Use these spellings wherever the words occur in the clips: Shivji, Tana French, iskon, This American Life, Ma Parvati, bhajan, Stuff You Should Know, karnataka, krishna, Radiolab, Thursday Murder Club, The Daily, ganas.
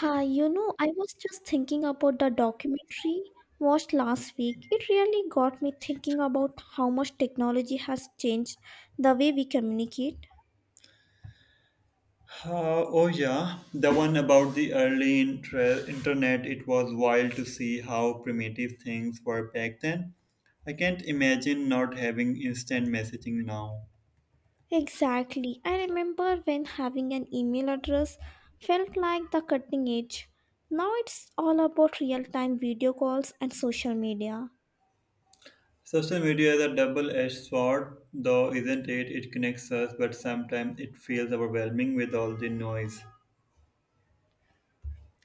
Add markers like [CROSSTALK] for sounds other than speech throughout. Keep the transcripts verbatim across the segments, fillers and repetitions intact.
Hi, you know, I was just thinking about the documentary watched last week. It really got me thinking about how much technology has changed the way we communicate. Uh, oh yeah, the one about the early intre- internet. It was wild to see how primitive things were back then. I can't imagine not having instant messaging now. Exactly. I remember when having an email address felt like the cutting edge. Now it's all about real time video calls and social media. Social media is a double-edged sword, though, isn't it? It connects us, but sometimes it feels overwhelming with all the noise.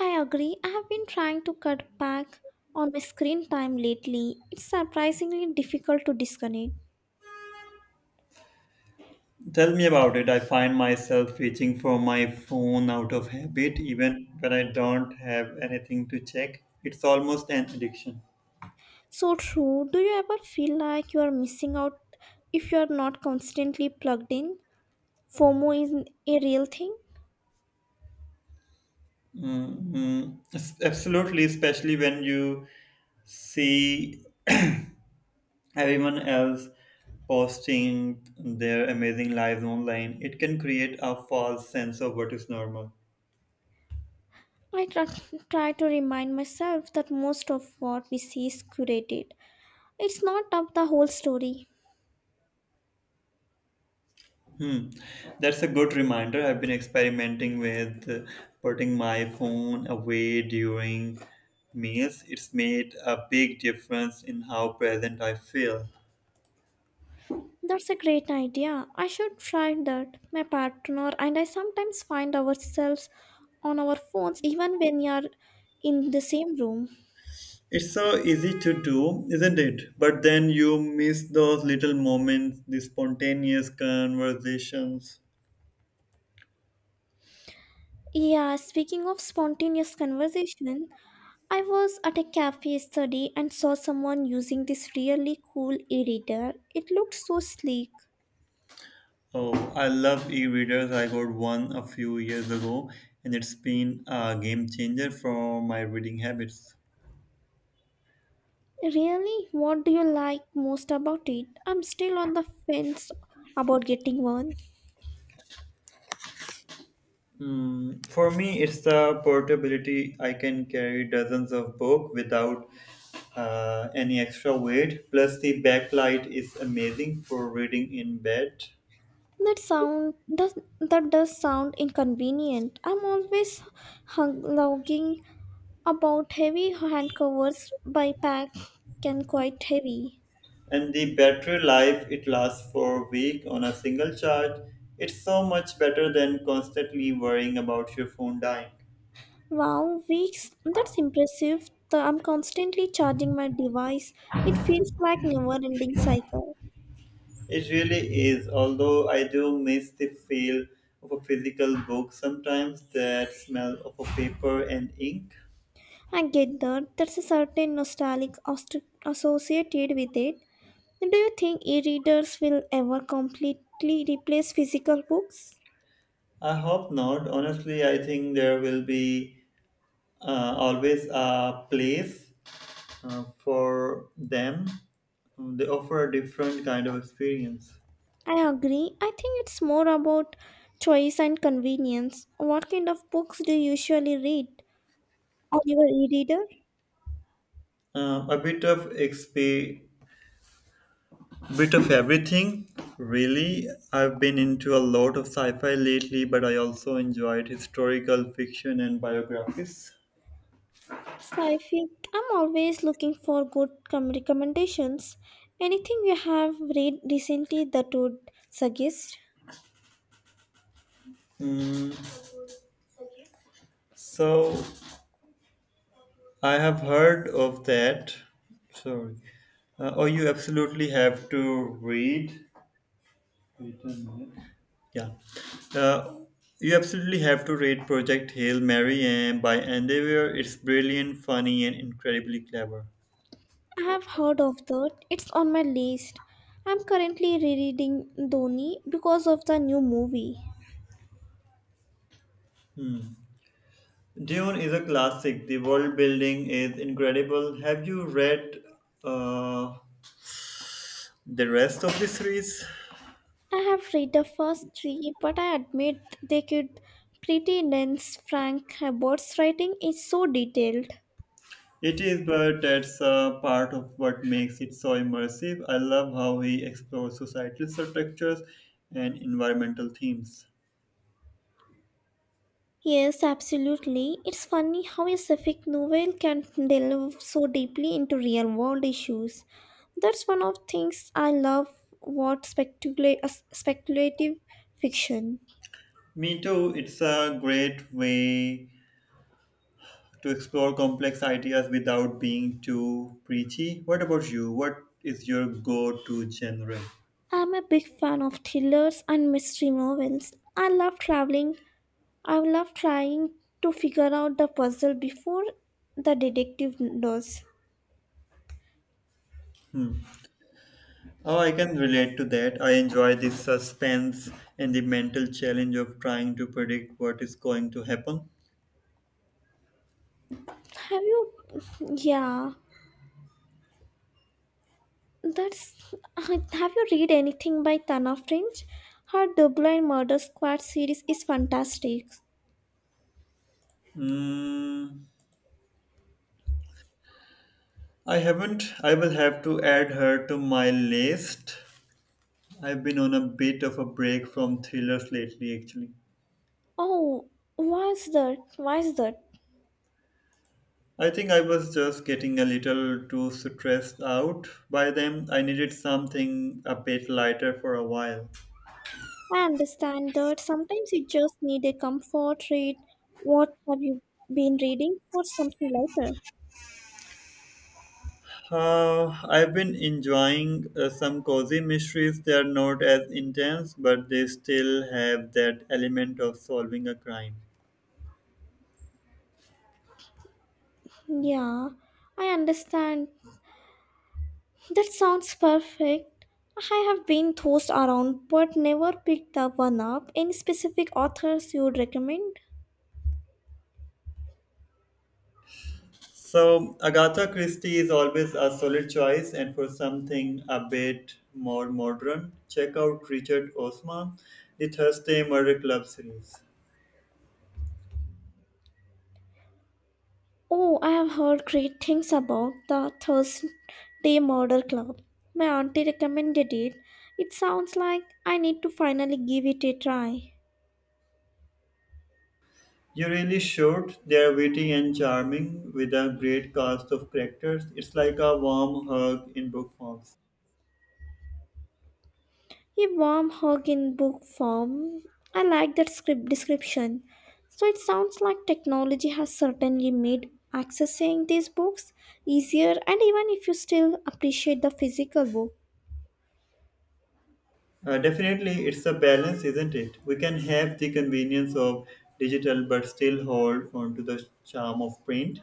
I agree. I have been trying to cut back on my screen time lately. It's surprisingly difficult to disconnect. Tell me about it. I find myself reaching for my phone out of habit, even when I don't have anything to check. It's almost an addiction. So true. Do you ever feel like you are missing out if you are not constantly plugged in? FOMO is a real thing. Mm-hmm. Absolutely, especially when you see [CLEARS THROAT] everyone else posting their amazing lives online, it can create a false sense of what is normal. I try, try to remind myself that most of what we see is curated. It's not up the whole story. Hmm. That's a good reminder. I've been experimenting with uh, putting my phone away during meals. It's made a big difference in how present I feel. That's a great idea. I should try that. My partner and I sometimes find ourselves on our phones even when we are in the same room. It's so easy to do, isn't it? But then you miss those little moments, the spontaneous conversations. Yeah, speaking of spontaneous conversation, I was at a cafe study and saw someone using this really cool e-reader. It looked so sleek. Oh, I love e readers. I got one a few years ago, and it's been a game changer for my reading habits. Really? What do you like most about it? I'm still on the fence about getting one. Mm, for me, it's the portability. I can carry dozens of books without uh, any extra weight. Plus, the backlight is amazing for reading in bed. That sound does that does sound inconvenient. I'm always hung logging about heavy hand covers by pack can quite heavy. And the battery life, it lasts for a week on a single charge. It's so much better than constantly worrying about your phone dying. Wow, weeks. That's impressive. The- I'm constantly charging my device. It feels like never-ending cycle. It really is, although I do miss the feel of a physical book sometimes, that smell of a paper and ink. I get that. That's a certain nostalgic aust- associated with it. Do you think e-readers will ever completely replace physical books? I hope not, honestly. I think there will be uh, always a place uh, for them. They offer a different kind of experience. I agree. I think it's more about choice and convenience. What kind of books do you usually read on your e-reader? uh, a bit of X P. Bit of everything, really. I've been into a lot of sci fi lately, but I also enjoyed historical fiction and biographies. So I feel I'm always looking for good com- recommendations. Anything you have read recently that would suggest? Mm, so I have heard of that. Sorry. Uh, oh, you absolutely have to read. Wait a minute. Yeah. Uh, you absolutely have to read Project Hail Mary and by Endeavor. It's brilliant, funny, and incredibly clever. I have heard of that. It's on my list. I'm currently rereading Dhoni because of the new movie. Dune is a classic. The world building is incredible. Have you read uh, the rest of the series? I have read the first three, but I admit they could pretty dense. Frank Herbert's writing is so detailed. It is, but that's a part of what makes it so immersive. I love how he explores societal structures and environmental themes. Yes, absolutely. It's funny how a sapphic novel can delve so deeply into real world issues. That's one of things I love what specula- uh, speculative fiction. Me too. It's a great way to explore complex ideas without being too preachy. What about you? What is your go to genre? I'm a big fan of thrillers and mystery novels. I love traveling. I love trying to figure out the puzzle before the detective does. Hmm. Oh, I can relate to that. I enjoy the suspense and the mental challenge of trying to predict what is going to happen. Have you? Yeah. That's. Uh, Have you read anything by Tana French? Her Dublin Murder Squad series is fantastic. Mm, I haven't. I will have to add her to my list. I've been on a bit of a break from thrillers lately, actually. Oh, why's that? Why's that? I think I was just getting a little too stressed out by them. I needed something a bit lighter for a while. I understand that sometimes you just need a comfort read. What have you been reading for something lighter? Uh, I've been enjoying uh, some cozy mysteries. They are not as intense, but they still have that element of solving a crime. Yeah, I understand. That sounds perfect. I have been tossed around but never picked up one up. Any specific authors you would recommend? So, Agatha Christie is always a solid choice, and for something a bit more modern, check out Richard Osman, the Thursday Murder Club series. Oh, I have heard great things about the Thursday Murder Club. My auntie recommended it. It sounds like I need to finally give it a try. You really should. They are witty and charming with a great cast of characters. It's like a warm hug in book form. A warm hug in book form. I like that script description. So it sounds like technology has certainly made accessing these books easier and even if you still appreciate the physical book. Uh, definitely, it's a balance, isn't it? We can have the convenience of digital but still hold on to the charm of print.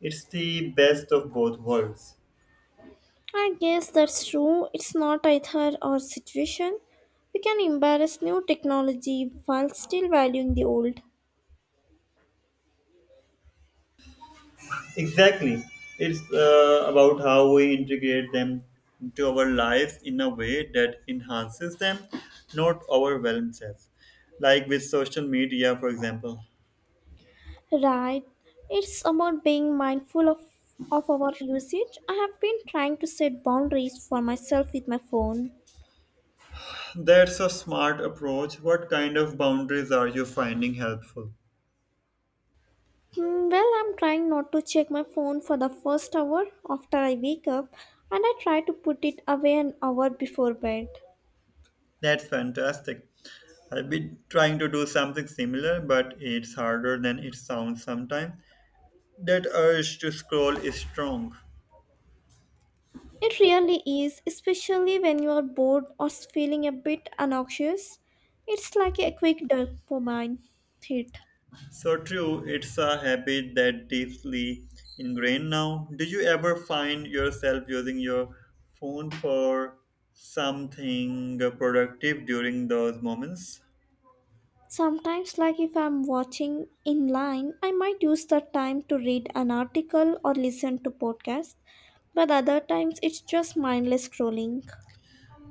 It's the best of both worlds. I guess that's true. It's not either or situation. We can embrace new technology while still valuing the old. Exactly. It's uh, about how we integrate them into our lives in a way that enhances them, not overwhelms us. Like with social media, for example. Right. It's about being mindful of, of our usage. I have been trying to set boundaries for myself with my phone. That's a smart approach. What kind of boundaries are you finding helpful? Hmm, well, I'm trying not to check my phone for the first hour after I wake up, and I try to put it away an hour before bed. That's fantastic. I've been trying to do something similar, but it's harder than it sounds sometimes. That urge to scroll is strong. It really is, especially when you are bored or feeling a bit anxious. It's like a quick dopamine hit. So true, it's a habit that deeply ingrained now. Did you ever find yourself using your phone for something productive during those moments? Sometimes, like if I'm watching in line, I might use the time to read an article or listen to podcasts, but other times it's just mindless scrolling.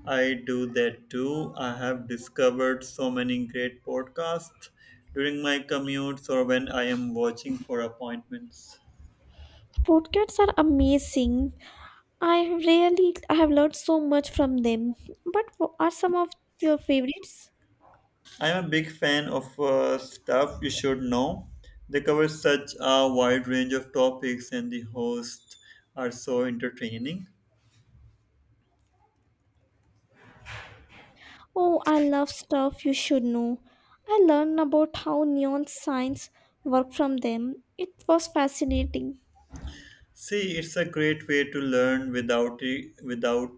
I do that too. I have discovered so many great podcasts during my commutes or when I am watching for appointments. Podcasts are amazing. I really I have learned so much from them. But what are some of your favorites? I am a big fan of uh, stuff you should know. They cover such a wide range of topics, and the hosts are so entertaining. Oh, I love stuff you should know. I learned about how neon signs work from them. It was fascinating. See, it's a great way to learn without it, without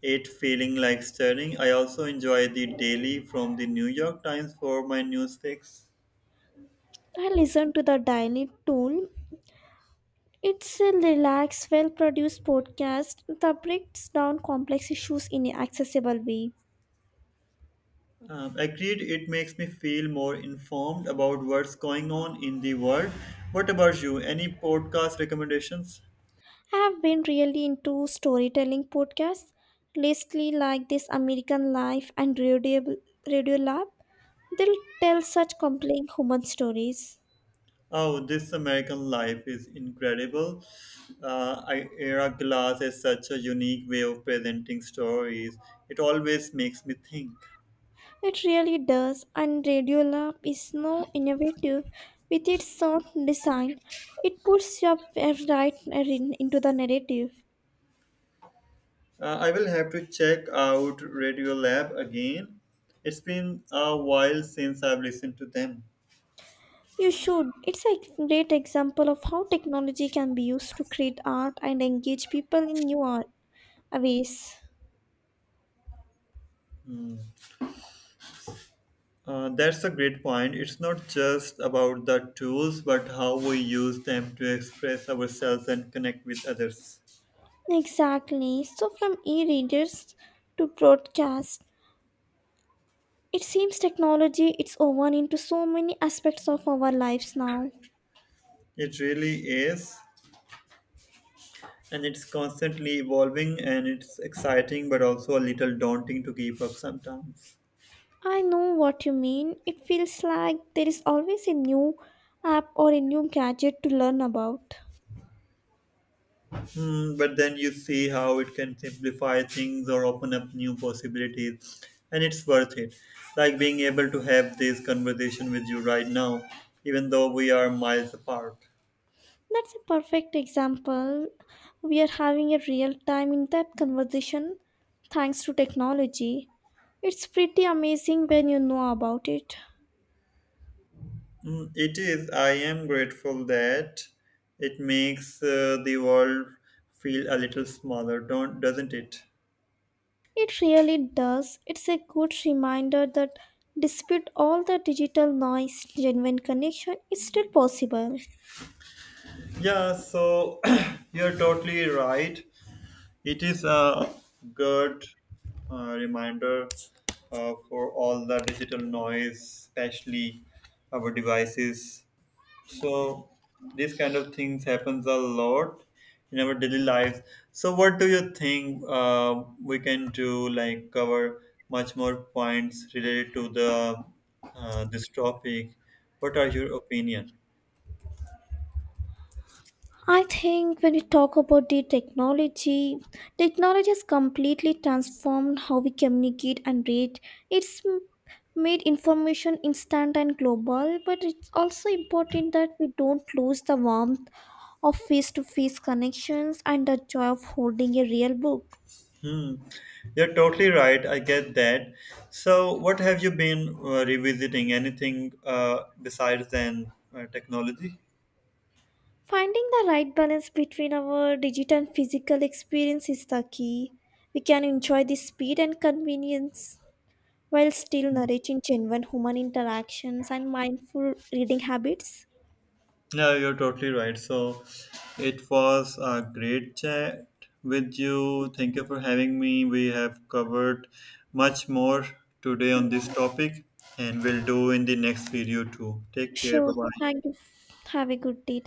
it feeling like studying. I also enjoy the daily from the New York Times for my news fix. I listened to the Daily Tool. It's a relaxed, well produced podcast that breaks down complex issues in an accessible way. Um, agreed, it makes me feel more informed about what's going on in the world. What about you? Any podcast recommendations? I have been really into storytelling podcasts, lately like This American Life and Radio, Radio Lab. They'll tell such compelling human stories. Oh, This American Life is incredible. Uh, I- Ira Glass is such a unique way of presenting stories. It always makes me think. It really does, and Radiolab is so innovative with its sound design. It puts you up right in- into the narrative. Uh, I will have to check out Radio Lab again. It's been a while since I've listened to them. You should. It's a great example of how technology can be used to create art and engage people in new art ways. Uh, that's a great point. It's not just about the tools, but how we use them to express ourselves and connect with others. Exactly. So from e-readers to broadcast, it seems technology it's woven into so many aspects of our lives now. It really is. And it's constantly evolving and it's exciting, but also a little daunting to keep up sometimes. I know what you mean. It feels like there is always a new app or a new gadget to learn about. Hmm, but then you see how it can simplify things or open up new possibilities, and it's worth it. Like being able to have this conversation with you right now, even though we are miles apart. That's a perfect example. We are having a real time in depth conversation thanks to technology. It's pretty amazing when you know about it. Mm, it is. I am grateful that it makes uh, the world feel a little smaller, don't doesn't it? It really does. It's a good reminder that despite all the digital noise, genuine connection is still possible. Yeah. So [CLEARS THROAT] you're totally right. It is a good uh, reminder uh, for all the digital noise, especially our devices. So these kind of things happens a lot in our daily lives. So what do you think uh, we can do? Like cover much more points related to the uh, this topic. What are your opinion? I think when we talk about the technology, technology has completely transformed how we communicate and read. It's m- made information instant and global, but it's also important that we don't lose the warmth of face to face connections and the joy of holding a real book. Hmm. You're totally right. I get that. So what have you been uh, revisiting? Anything uh, besides than uh, technology? Finding the right balance between our digital and physical experience is the key. We can enjoy the speed and convenience while still nourishing genuine human interactions and mindful reading habits. Yeah, you're totally right. So it was a great chat with you. Thank you for having me. We have covered much more today on this Yeah. topic, and we'll do in the next video too. Take care. Sure. Bye bye. Thank you. Have a good day.